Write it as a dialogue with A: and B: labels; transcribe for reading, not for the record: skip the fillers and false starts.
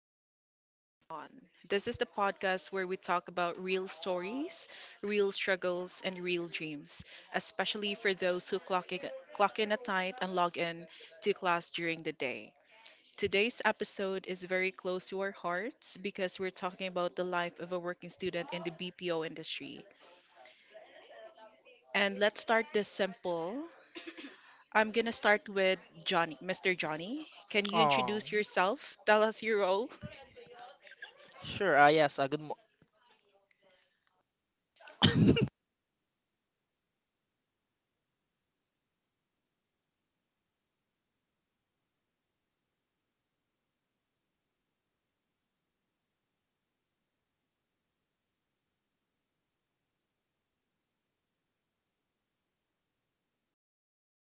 A: In, Log Out, Dream On. This is the podcast where we talk about real stories, real struggles, and real dreams, especially for those who clock in, at night and log in to class during the day. Today's episode is very close to our hearts because we're talking about the life of a working student in the BPO industry. And let's start this simple. I'm gonna start with Johnny, Mr. Johnny. Can you
B: Oh,
A: introduce yourself? Tell us your role.
B: sure. Yes. Good.